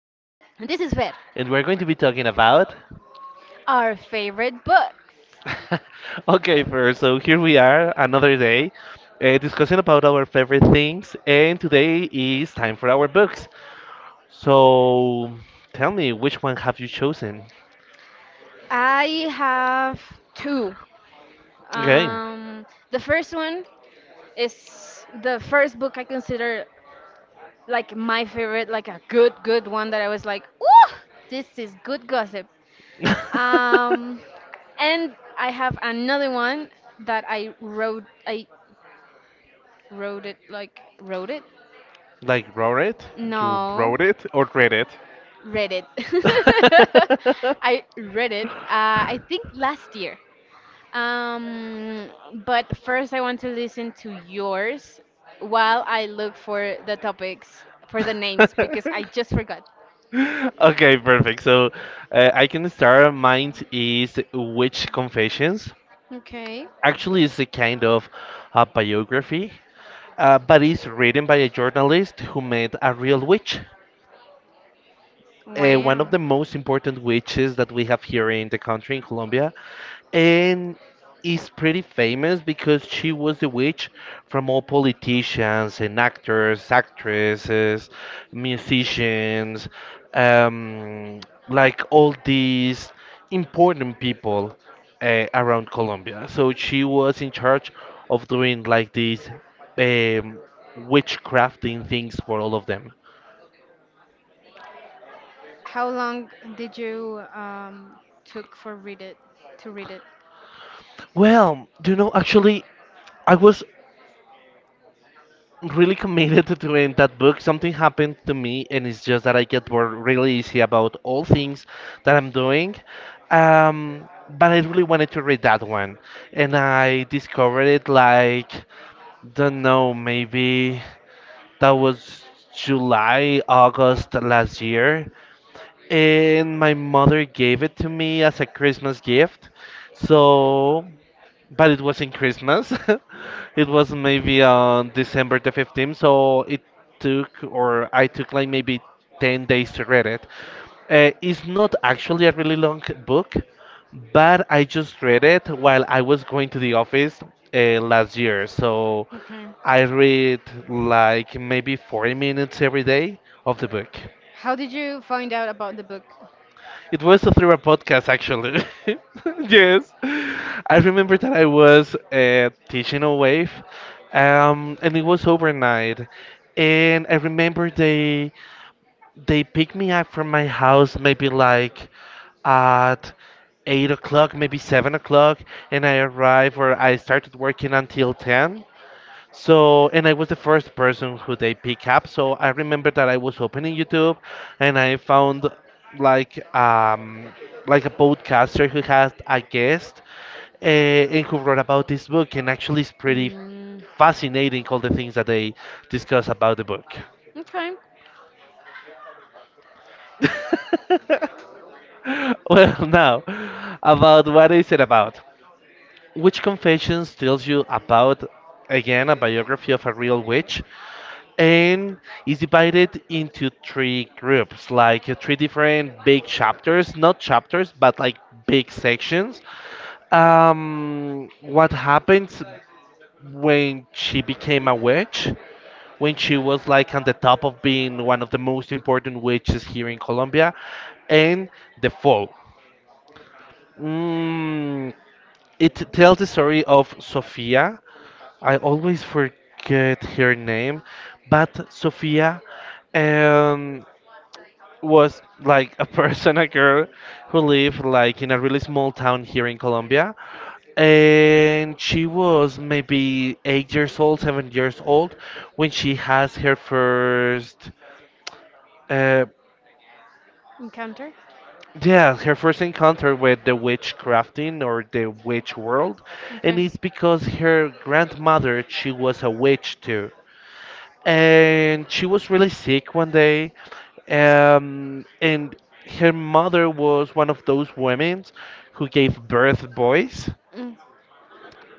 And this is where and we're going to be talking about. our favorite books. Okay, first, so here we are, another day, discussing about our favorite things, and today is time for our books. So, tell me, which one have you chosen? I have two. Okay. Okay. Um, the first one is the first book I consider like my favorite, like a good, good one that I was like, ooh, this is good gossip. Um, and I have another one that I wrote. I wrote it like wrote it. Like, wrote it? You No, wrote it or read it? read it. I read it. I think last year. Um, but first, I want to listen to yours while I look for the topics, for the names, because I just forgot. Okay, perfect. So I can start. Mine is Witch Confessions. Okay. Actually, it's a kind of a biography, but it's written by a journalist who met a real witch, one of Wow. the most important witches that we have here in the country in Colombia, and is pretty famous because she was the witch from all politicians and actors, actresses, musicians, um, like all these important people, around Colombia. So she was in charge of doing like these um, witchcrafting things for all of them. How long did you took for read it to read it? Well, actually, I was really committed to doing that book. Something happened to me, and it's just that I get bored really easy about all things that I'm doing. But I really wanted to read that one, and I discovered it like don't know, maybe that was July, August last year, and my mother gave it to me as a Christmas gift. So, but it was in Christmas. It was maybe on December the 15th, so it took, or I took like maybe 10 days to read it. It's not actually a really long book, but I just read it while I was going to the office, last year. So Okay. I read like maybe 40 minutes every day of the book. How did you find out about the book? It was through a podcast, actually. Yes. I remember that I was teaching a wave, and it was overnight. And I remember they picked me up from my house maybe like at 8 o'clock, maybe 7 o'clock, and I arrived or I started working until 10. So, and I was the first person who they pick up. So I remember that I was opening YouTube and I found like um like a podcaster who had a guest, and who wrote about this book, and actually it's pretty Mm, fascinating all the things that they discuss about the book. okay. Well, now, about what is it about? Which confessions tells you about, again, a biography of a real witch, and is divided into three groups, like three different big chapters, not chapters, but like big sections. What happens when she became a witch? When she was like on the top of being one of the most important witches here in Colombia, and the fall. Mm, it tells the story of Sofia. I always forget her name, but Sofia um, was like a person, a girl who lived like in a really small town here in Colombia. And she was maybe 8 years old, 7 years old when she has her first, uh, Encounter. yeah, her first encounter with the witchcrafting or the witch world. And Okay. it's because her grandmother, she was a witch too. And she was really sick one day, and her mother was one of those women who gave birth boys. Mm,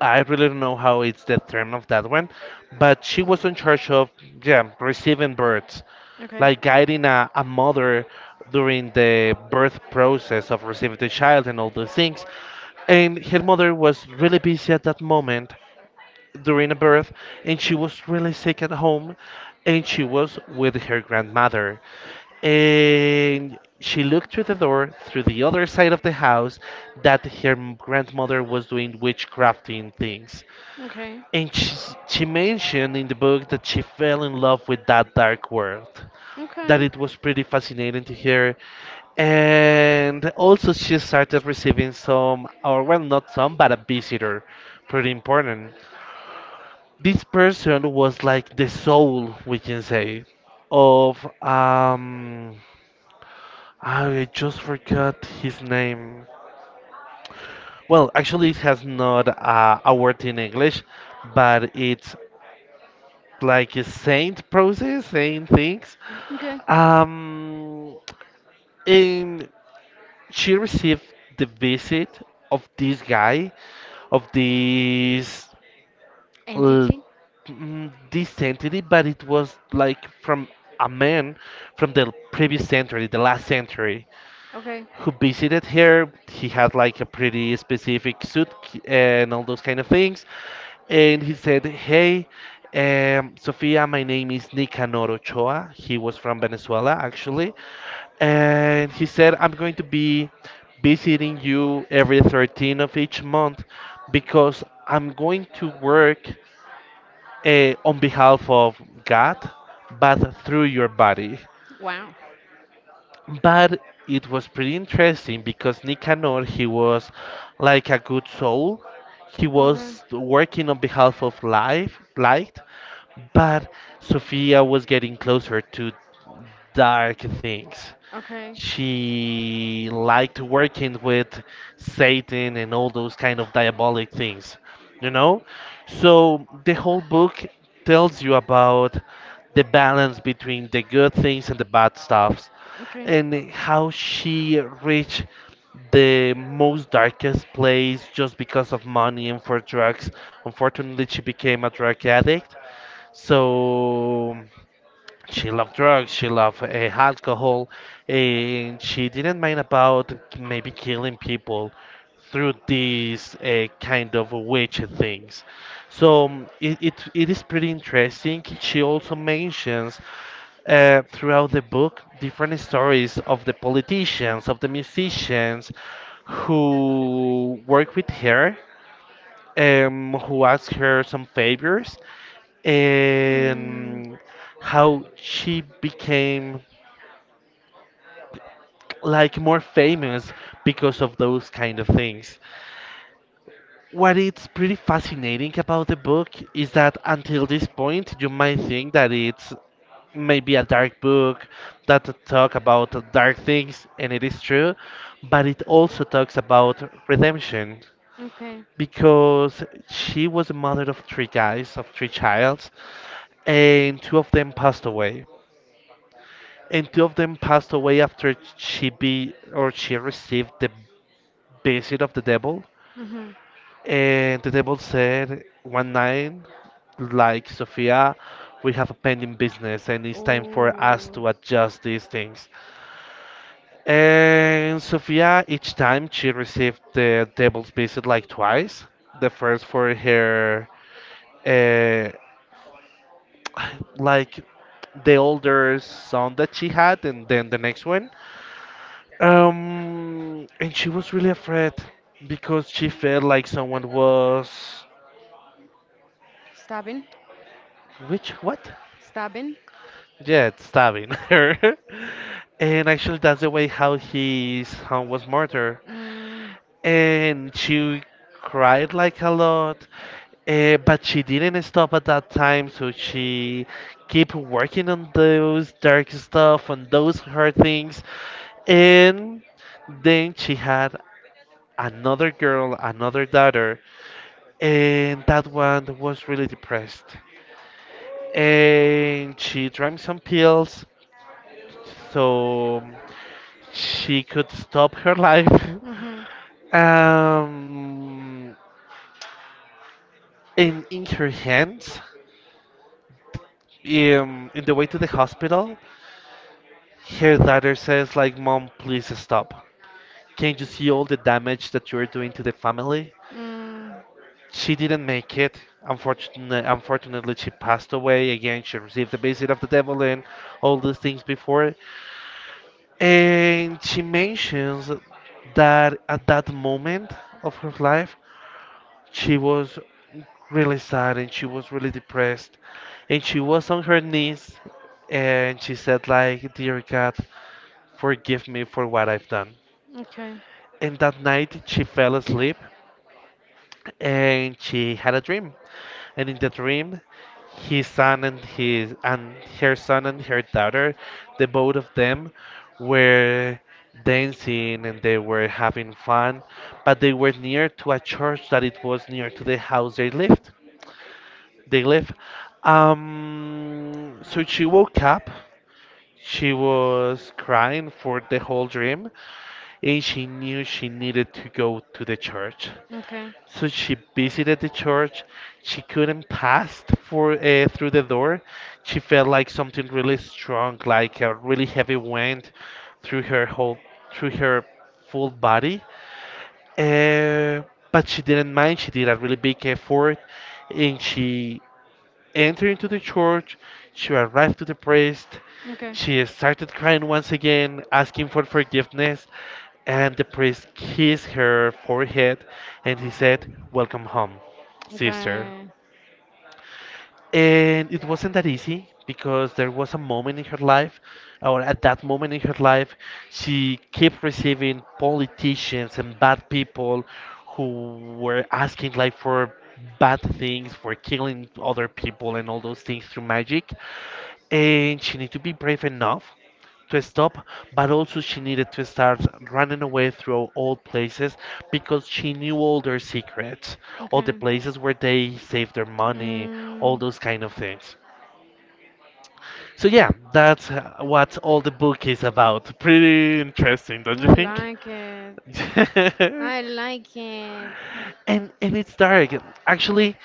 I really don't know how it's the term of that one, but she was in charge of, yeah, receiving births, like guiding a mother during the birth process of receiving the child and all those things. And her mother okay. was really busy at that moment during a birth, and she was really sick at home, and she was with her grandmother. And she looked through the door, through the other side of the house, that her grandmother was doing witchcrafting things. Okay. And she mentioned in the book that she fell in love with that dark world, that Okay. it was pretty fascinating to her. And also, she started receiving some, or well, not some, but a visitor, pretty important. This person was like the soul, we can say, of I just forgot his name. Well, actually, it has not a word in English, but it's like a saint process, saying things. Okay. Um, and she received the visit of this guy, of l- Entity. This century, but it was like from a man from the previous century, the last century, Okay. who visited here. He had like a pretty specific suit, and all those kind of things. And he said, Hey, Sofia, my name is Nicanor Ochoa. He was from Venezuela, actually. And he said, I'm going to be visiting you every 13th of each month because I'm going to work, on behalf of God, but through your body. Wow. But it was pretty interesting because Nicanor, he was like a good soul. He Okay. was working on behalf of life, light, but Sophia was getting closer to dark things. Okay. She liked working with Satan and all those kind of diabolic things, you know? So the whole book tells you about the balance between the good things and the bad stuffs, Okay. and how she reached the most darkest place just because of money and for drugs. Unfortunately, she became a drug addict. So she loved drugs, she loved, alcohol, and she didn't mind about maybe killing people through these, kind of witch things. So, it is pretty interesting. She also mentions, throughout the book, different stories of the politicians, of the musicians who work with her, who asked her some favors, Mm. and how she became like more famous because of those kind of things. What it's pretty fascinating about the book is that until this point you might think that it's maybe a dark book that talk about dark things and it is true, but it also talks about redemption Okay. because she was the mother of three guys, of three childs, and two of them passed away. And two of them passed away after she be or she received the visit of the devil. Hmm. And the devil said one night, like, Sophia, we have a pending business and it's time for us Oh. to adjust these things. And Sophia, each time she received the devil's visit like twice. The first for her, uh, like the older son that she had, and then the next one. And she was really afraid because she felt like someone was. Stabbing? Which what? Stabbing? Yeah, stabbing her. And actually, that's the way how his son was murdered. Mm. And she cried like a lot, but she didn't stop at that time, so she kept working on those dark stuff, on those hard things, and then she had another girl, another daughter, and that one was really depressed. And she drank some pills so she could stop her life. Mm-hmm. um, and in her hands, in the way to the hospital, her daughter says, like, Mom, please stop. Can't you see all the damage that you're doing to the family? Mm. She didn't make it. Unfortunately, unfortunately, she passed away. Again, she received the visit of the devil and all these things before. And she mentions that at that moment of her life, she was really sad and she was really depressed. And she was on her knees and she said like, "Dear God, forgive me for what I've done." Okay. And that night she fell asleep and she had a dream. And in the dream, his son and his and her son and her daughter, the both of them were dancing and they were having fun, but they were near to a church that it was near to the house they lived, they live. So she woke up, she was crying for the whole dream, and she knew she needed to go to the church. Okay. So she visited the church. She couldn't pass for, through the door. She felt like something really strong, like a really heavy wind through her whole through her full body. Uh, but she didn't mind. She did a really big effort, and she entering into the church, she arrived to the priest. She started crying once again, asking for forgiveness, and the priest kissed her forehead and he said, Welcome home, sister. Okay. And it wasn't that easy because there was a moment in her life, or at that moment in her life, she kept receiving politicians and bad people who were asking like for bad things, for killing other people and all those things through magic, and she needed to be brave enough to stop, but also Okay. she needed to start running away through all places because she knew all their secrets, all the Okay. places where they saved their money, all Mm, those kind of things. So yeah, that's what all the book is about. Pretty interesting, don't you I think? like it. I like it. And it's dark. Actually,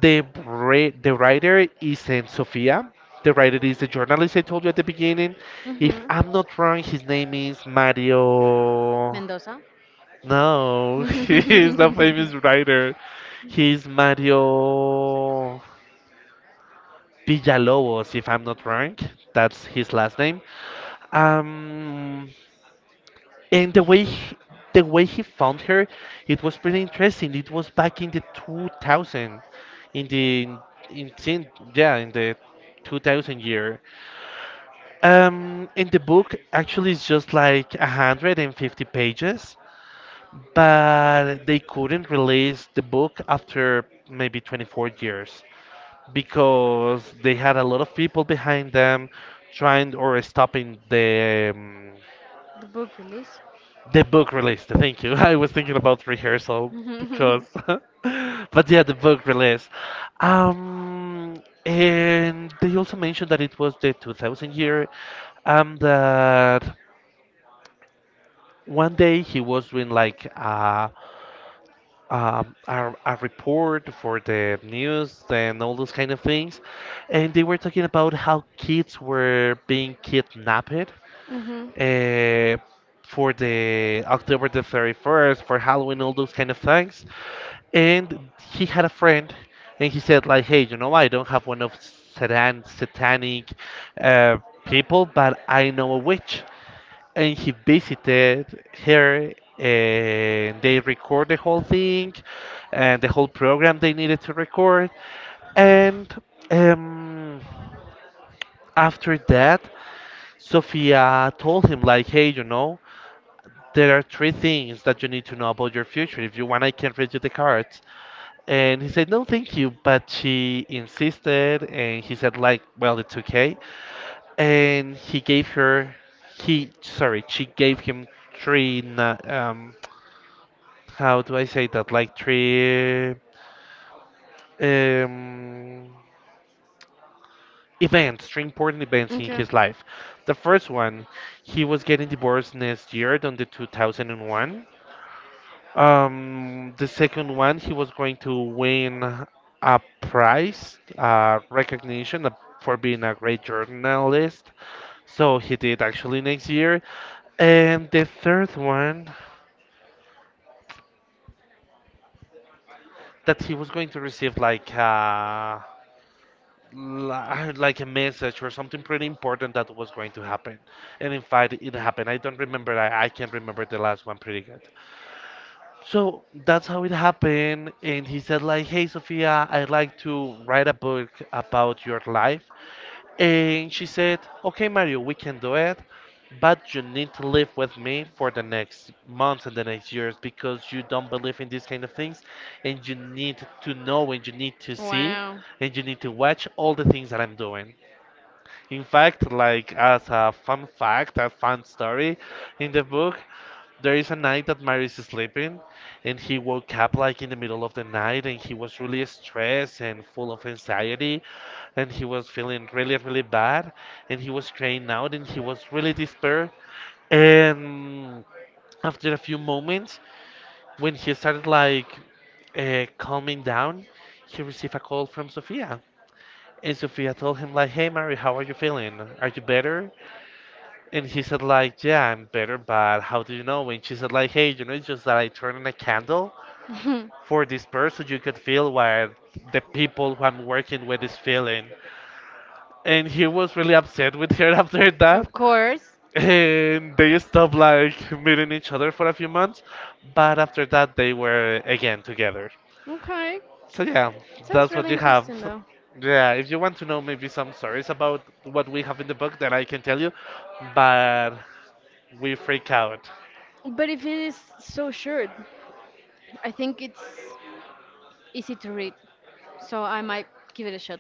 the the writer is in Sofia. The writer is the journalist I told you at the beginning. If Hmm. I'm not wrong, his name is Mario. Mendoza. No, he's a famous The writer. He's Mario Villalobos, if I'm not wrong. That's his last name. Um, and the way he found her, it was pretty interesting. It was back in the 2000, in the in yeah, in the 2000 year. And the book actually is just like 150 pages, but they couldn't release the book after maybe 24 years because they had a lot of people behind them trying or stopping the book release. The book release. Thank you. I was thinking about rehearsal because, but yeah, the book release. And they also mentioned that it was the 2000 year, that one day he was doing like a report for the news and all those kind of things, and they were talking about how kids were being kidnapped, Mm-hmm. uh, for the October the 31st, for Halloween, all those kind of things. And he had a friend, and he said like, "Hey, you know, I don't have one of satanic uh, people, but I know a witch." And he visited her, and they record the whole thing, and the whole program they needed to record. And um, After that, Sophia told him like, "Hey, you know, there are three things that you need to know about your future. If you want, I can read you the cards." And he said, "No, thank you." But she insisted, and he said, like, "Well, it's okay." And he gave her, he, sorry, she gave him three, how do I say that? Like three um, events, three important events in Okay. his life. The first one, he was getting divorced next year on the 2001. The second one, he was going to win a prize, recognition, for being a great journalist. So he did actually next year. And the third one, that he was going to receive like like a message or something pretty important that was going to happen. And in fact, it happened. I don't remember. I can remember the last one pretty good. So that's how it happened. And he said, like, "Hey, Sophia, I'd like to write a book about your life." And she said, "Okay, Mario, we can do it. But you need to live with me for the next months and the next years because you don't believe in these kind of things. And you need to know and you need to see Wow. and you need to watch all the things that I'm doing." In fact, like as a fun fact, a fun story, in the book, there is a night that Marius is sleeping, and he woke up like in the middle of the night, and he was really stressed and full of anxiety, and he was feeling really, really bad, and he was crying out, and he was really despair. And after a few moments, when he started like calming down, he received a call from Sophia. And Sophia told him like, "Hey, Mary, how are you feeling? Are you better?" And he said like, "Yeah, I'm better, but how do you know?" And she said like, "Hey, you know, it's just that I turned on a candle for this person. You could feel what the people who I'm working with is feeling." And he was really upset with her after that. Of course. And they stopped like meeting each other for a few months. But after that, they were again together. Okay. So yeah, Sounds that's what really you have. interesting though. Yeah, if you want to know maybe some stories about what we have in the book, then I can tell you. But we freak out. But if it is so short, I think it's easy to read. So I might give it a shot.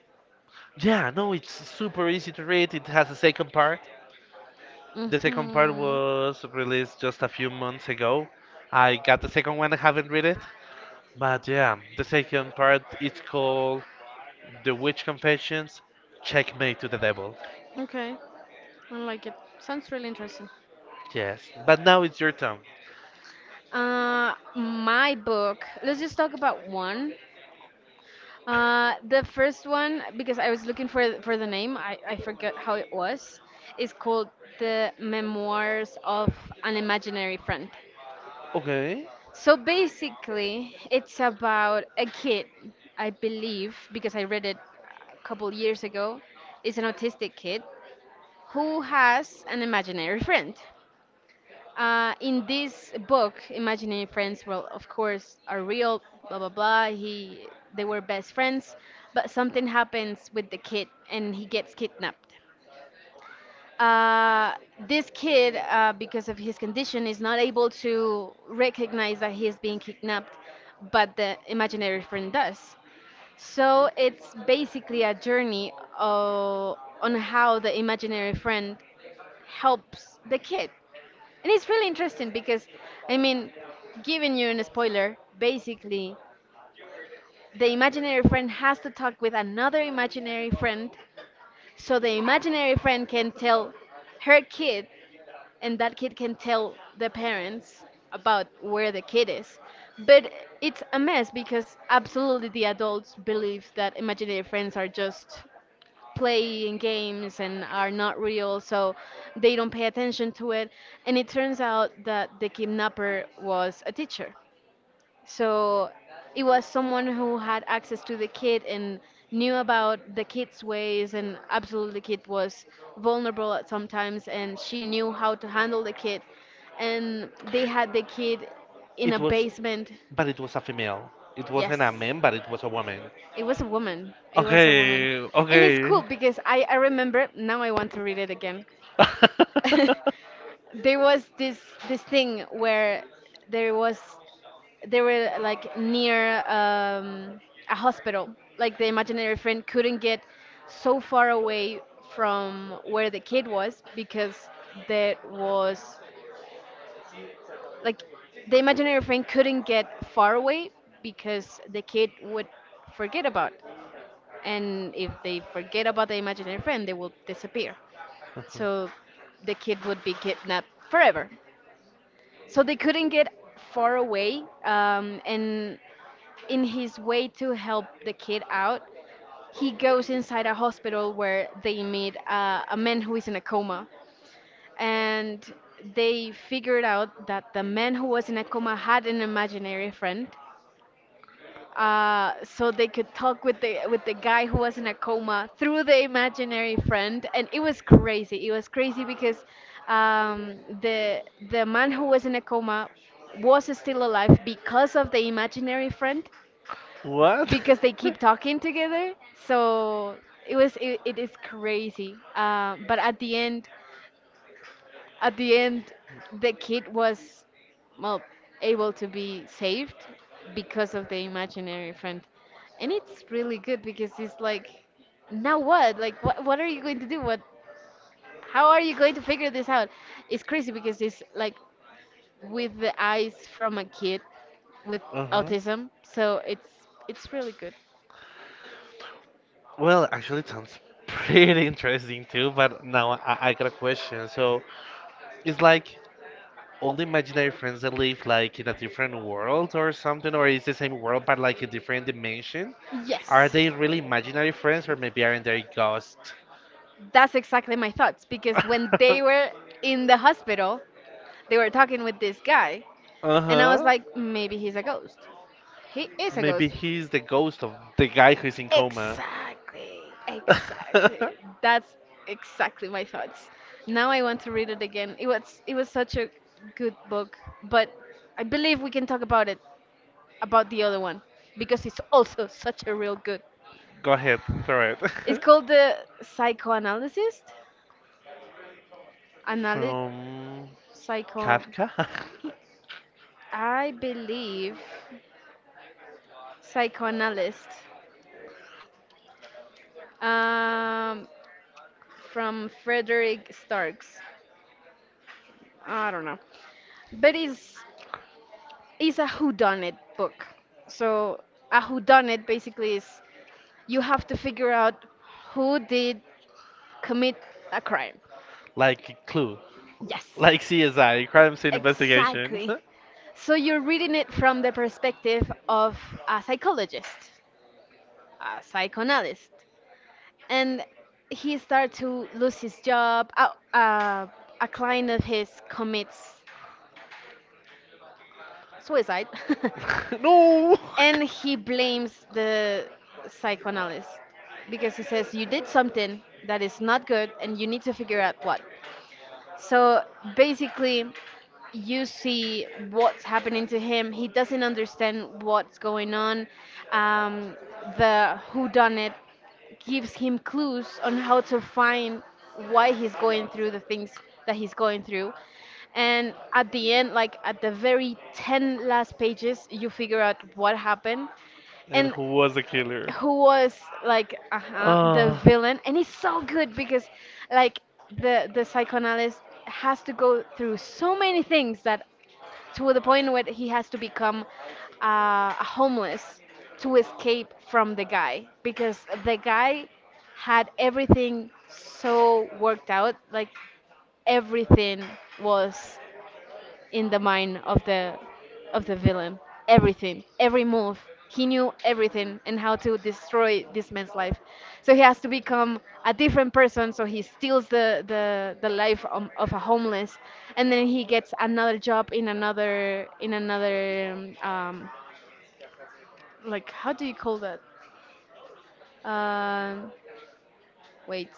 Yeah, no, it's super easy to read. It has a second part. The second part Mhm. was released just a few months ago. I got the second one, I haven't read it. But yeah, the second part it's called The Witch Confessions Checkmate to the Devil. Okay. I like it. Sounds really interesting. Yes, but now it's your turn. My book. Let's just talk about one. The first one because I was looking for the name. I forgot how it was. Is called The Memoirs of an Imaginary Friend. Okay. So basically, it's about a kid, I believe, because I read it a couple years ago. It's an autistic kid who has an imaginary friend. In this book, Imaginary Friends, well, of course, are real, blah blah blah. They were best friends, but something happens with the kid, and he gets kidnapped. Uh, this kid, because of his condition, is not able to recognize that he is being kidnapped, but the imaginary friend does. So it's basically a journey on how the imaginary friend helps the kid. And it's really interesting because, I mean, giving you a spoiler, basically, the imaginary friend has to talk with another imaginary friend, so the imaginary friend can tell her kid, and that kid can tell the parents about where the kid is. But it's a mess because absolutely the adults believe that imaginary friends are just playing games and are not real, so they don't pay attention to it. And it turns out that the kidnapper was a teacher. So it was someone who had access to the kid and knew about the kid's ways, and absolutely the kid was vulnerable at sometimes, and she knew how to handle the kid. And they had the kid in It a was, basement. but it was a female. It Yes. wasn't a man, but it was a woman. It was a woman. It was a woman. Okay, And it's okay. cool because I remember now I want to read it again. There was this thing where there was they were like near a hospital. Like the imaginary friend couldn't get so far away from where the kid was because that was like the imaginary friend couldn't get far away because the kid would forget about. And if they forget about the imaginary friend, they will disappear. So the kid would be kidnapped forever. So they couldn't get far away, and in his way to help the kid out, he goes inside a hospital where they meet a man who is in a coma, and they figured out that the man who was in a coma had an imaginary friend so they could talk with the guy who was in a coma through the imaginary friend, and it was crazy. It was crazy because um, the the man who was in a coma was still alive because of the imaginary friend, What? because they keep talking together. So it is crazy. But at the end, the kid was well able to be saved because of the imaginary friend, and it's really good because it's like, now what? Like, what are you going to do? What? How are you going to figure this out? It's crazy because it's like with the eyes from a kid with uh huh. autism, so it's really good. Well, actually, it sounds pretty interesting too, but now I got a question. So, it's like all the imaginary friends that live like in a different world or something, or is the same world but like a different dimension? Yes. Are they really imaginary friends, or maybe aren't they ghosts? That's exactly my thoughts because when they were in the hospital, they were talking with this guy, and I was Uh-huh. like, maybe he's a ghost. He is a Maybe ghost. he's the ghost of the guy who's in coma. Exactly, exactly. That's exactly my thoughts. Now I want to read it again. It was such a good book, but I believe we can talk about it about the other one because it's also such a real good. Go ahead, throw it. It's called The Psychoanalyst. Analy From psycho. Kafka? I believe psychoanalyst. um, from Frederick Starks. I don't know, but it's a whodunit book. So a whodunit basically is you have to figure out who did commit a crime. Like Clue. Yes. Like CSI, Crime Scene Investigation. Exactly. So you're reading it from the perspective of a psychologist, a psychoanalyst, and he starts to lose his job. A, a client of his commits suicide. No! And he blames the psychoanalyst because he says you did something that is not good and you need to figure out what. So basically you see what's happening to him. He doesn't understand what's going on. um, the who done it gives him clues on how to find why he's going through the things that he's going through. And at the end, like at the very 10 last pages, you figure out what happened And and who was the killer? who was like uh-huh, the Uh, villain. And it's so good because like the psychoanalyst has to go through so many things that to the point where he has to become a homeless to escape from the guy because the guy had everything so worked out like everything was in the mind of the villain. Everything, every move. He knew everything and how to destroy this man's life. So he has to become a different person. So he steals the life of a homeless, and then he gets another job in another like how do you call that? Um Wait.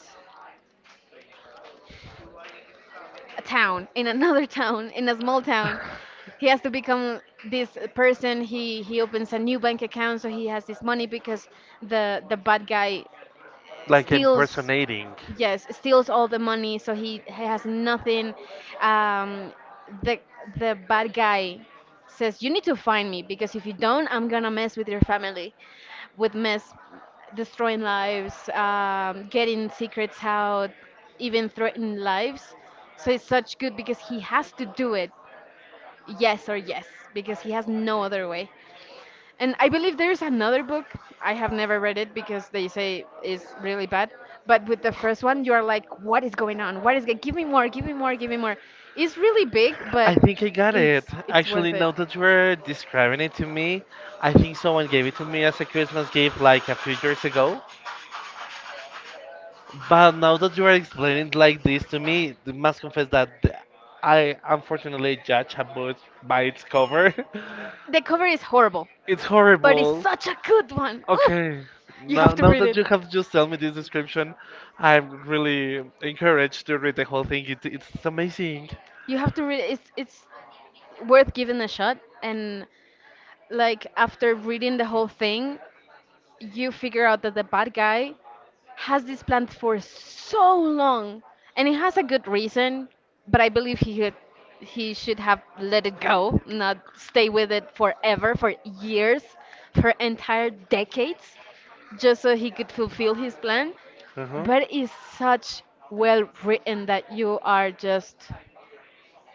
A town, in another town, in a small town. He has to become this person. He opens a new bank account so he has this money because the bad guy like steals impersonating. yes steals all the money so he has nothing. um the the bad guy says you need to find me because if you don't I'm gonna mess with your family with mess, destroying lives, getting secrets out, even threatening lives. So it's such good because he has to do it, yes or yes, because he has no other way. And I believe there's another book. I have never read it because they say is really bad. But with the first one, you are like, what is going on? What is? Give me more. Give me more. Give me more. It's really big, but I think I got it. it's Actually, worth it. now that you were describing it to me, I think someone gave it to me as a Christmas gift like a few years ago. But now that you are explaining like this to me, I must confess that I unfortunately judge a book by its cover. The cover is horrible, It's but it's horrible. such a good one. Ooh, Okay, you have to now read that it. you have just told me this description, I'm really encouraged to read the whole thing. It's amazing. You have to read it. It's worth giving a shot. And like after reading the whole thing, you figure out that the bad guy has this plan for so long and it has a good reason, but I believe he should have let it go, not stay with it forever, for years, for entire decades, just so he could fulfill his plan. Uh-huh. But it's such well written that you are just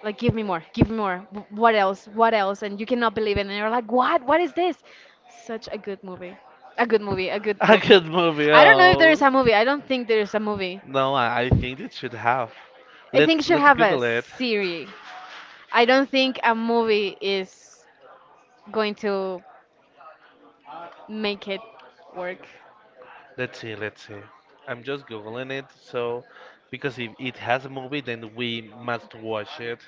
like give me more what else and you cannot believe it and you're like what is this such a good movie a good movie a good A book. good movie. I don't know if there is Oh. a movie. I don't think there is a movie. No, I think it should have. I think it should Let's have a Google it. series. I don't think a movie is going to make it work. Let's see. I'm just Googling it, so because if it has a movie, then we must watch it.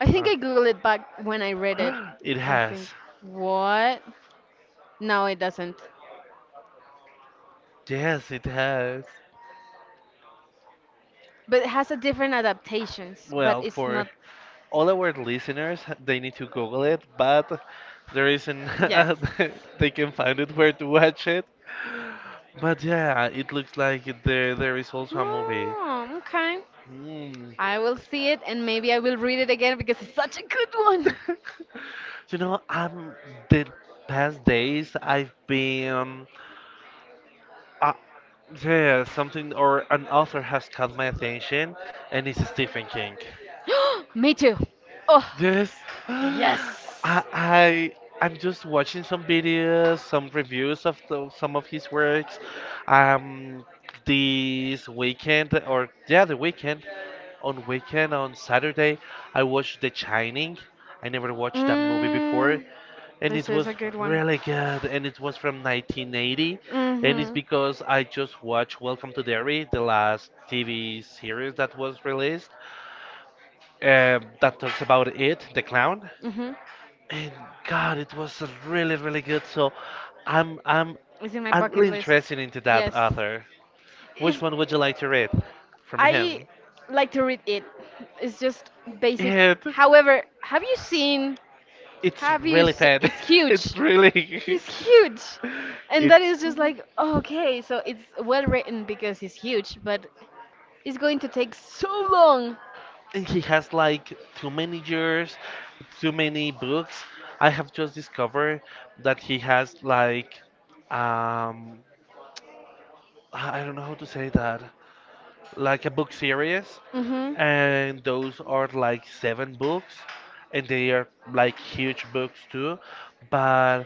I think Uh, I googled it back when I read it. it I think. has. What? No, it doesn't. Yes, it has. But it has a different adaptations. But Well, it's for not. all our listeners, they need to Google it, but there isn't Yes. they can find it where to watch it. But yeah, it looks like there is also a movie. Hmm, okay. Hmm. I will see it and maybe I will read it again because it's such a good one. You know, I'm the past days I've been uh, yeah, something or an author has caught my attention, and it's Stephen King. Me too. Oh, Yes. I, yes. I I'm just watching some videos, some reviews of the, some of his works. Um, this weekend or yeah, the weekend on weekend on Saturday, I watched The Shining. I never watched that movie before, Mm. and This it is was a good one. really good. And it was from 1980, and it's Hmm. because I just watched Welcome to Derry, the last TV series that was released, that talks about it, the clown. Hmm. And God, it was really, really good. So I'm I'm It's in my I'm really bucket list. interested into that Yes. author. Which It's, one would you like to read from I him? like to read it. It's just basic. Yeah, However, have you seen? it's Have you? really bad. It's It's huge. really It's huge, and it. that is just like okay. So it's well written because it's huge, but it's going to take so long. And he has like too many years, too many books. I have just discovered that he has like um I don't know how to say that, like a book series, Mhm. and those are like 7 books, and they are like huge books too. But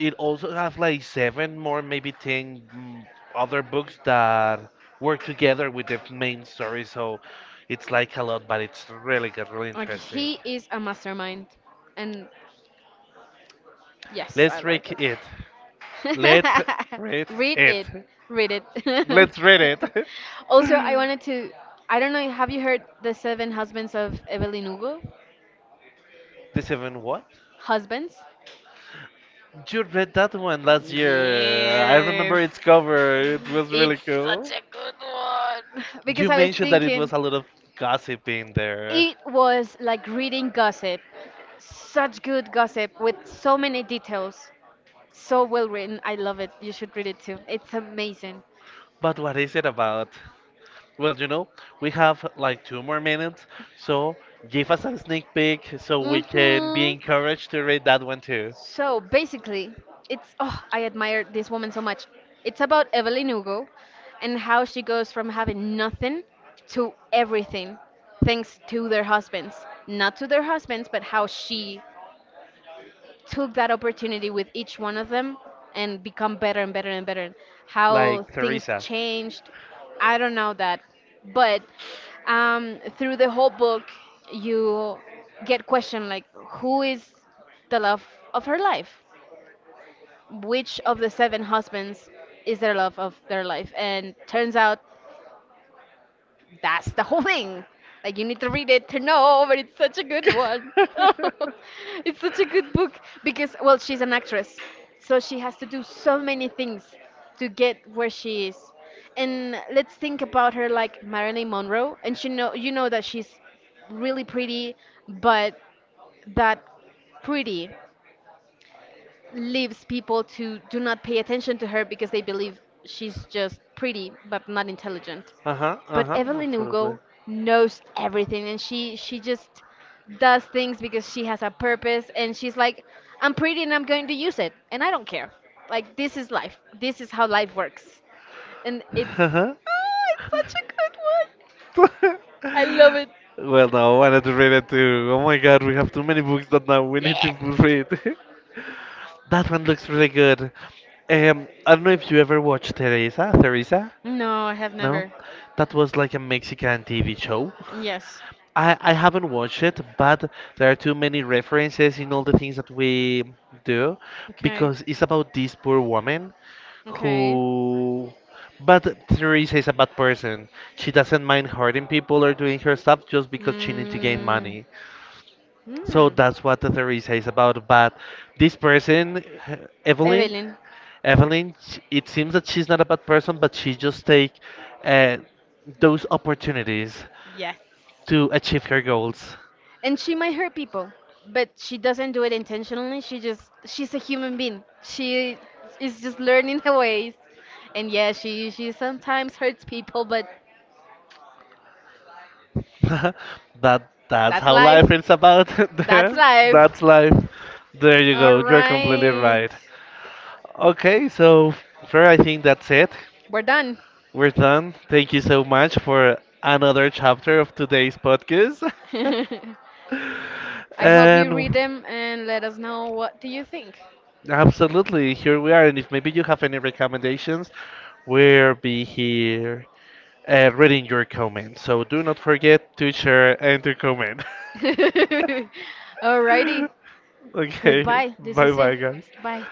it also has like 7 more, maybe 10 other books that work together with the main story. So it's like a lot, but it's really good, really Like interesting. he is a mastermind, and yes, I Let's like read it. it. Let's read Read it. it, read it. Let's read it. Also, I wanted to. I don't know, have you heard The Seven Husbands of Evelyn Hugo? The seven what? Husbands. You read that one last year. I remember Yes. its cover. It was really It's such cool. a good one. Because You I was mentioned that it was thinking, a lot of gossip in there. it was like reading gossip. Such good gossip with so many details. So well written. I love it. You should read it too. It's amazing. But what is it about? Well, you know, we have like 2 more minutes, so give us a sneak peek so we can be Mhm. encouraged to read that one too. So basically, it's oh, I admire this woman so much. It's about Evelyn Hugo and how she goes from having nothing to everything thanks to their husbands. Not to their husbands, but how she took that opportunity with each one of them and become better and better and better. How Like things Teresa. changed, I don't know that, but through the whole book, you get questioned like, who is the love of her life? Which of the seven husbands is their love of their life? And turns out that's the whole thing. Like you need to read it to know, but it's such a good one. It's such a good book because well, she's an actress, so she has to do so many things to get where she is. And let's think about her like Marilyn Monroe, and she know you know that she's really pretty, but that pretty leaves people to do not pay attention to her because they believe she's just pretty but not intelligent. Uh-huh, But uh-huh, Evelyn absolutely. Hugo knows everything and she just does things because she has a purpose and she's like I'm pretty and I'm going to use it and I don't care. Like this is life. This is how life works. And it's Uh-huh. ah, it's such a good one. I love it. Well, no, I wanted to read it too. Oh my god, we have too many books that now we need to Yes. read. That one looks really good. I don't know if you ever watched Teresa. Teresa? No, I have No? never. That was like a Mexican TV show. Yes. I haven't watched it, but there are too many references in all the things that we do Okay. because it's about this poor woman Okay. who, but Teresa is a bad person. She doesn't mind hurting people or doing her stuff just because she needs to gain Mm, money. So hmm. that's what the Teresa is about. But this person, Evelyn, Evelyn, Evelyn, it seems that she's not a bad person, but she just take uh, those opportunities yes. to achieve her goals. And she might hurt people, but she doesn't do it intentionally. She's a human being. She is just learning her ways. And yeah, she sometimes hurts people, but That that's that's how life life. is about. That's There, life. that's life. There you All go. You're completely right. right. Okay, so Fer, I think that's it. We're done. We're done. Thank you so much for another chapter of today's podcast. I hope you And read them and let us know what do you think. absolutely, here we are. And if maybe you have any recommendations, we'll be here reading your comments. So do not forget to share and to comment. Alrighty. Okay, Goodbye. This bye is it. bye, guys. Bye.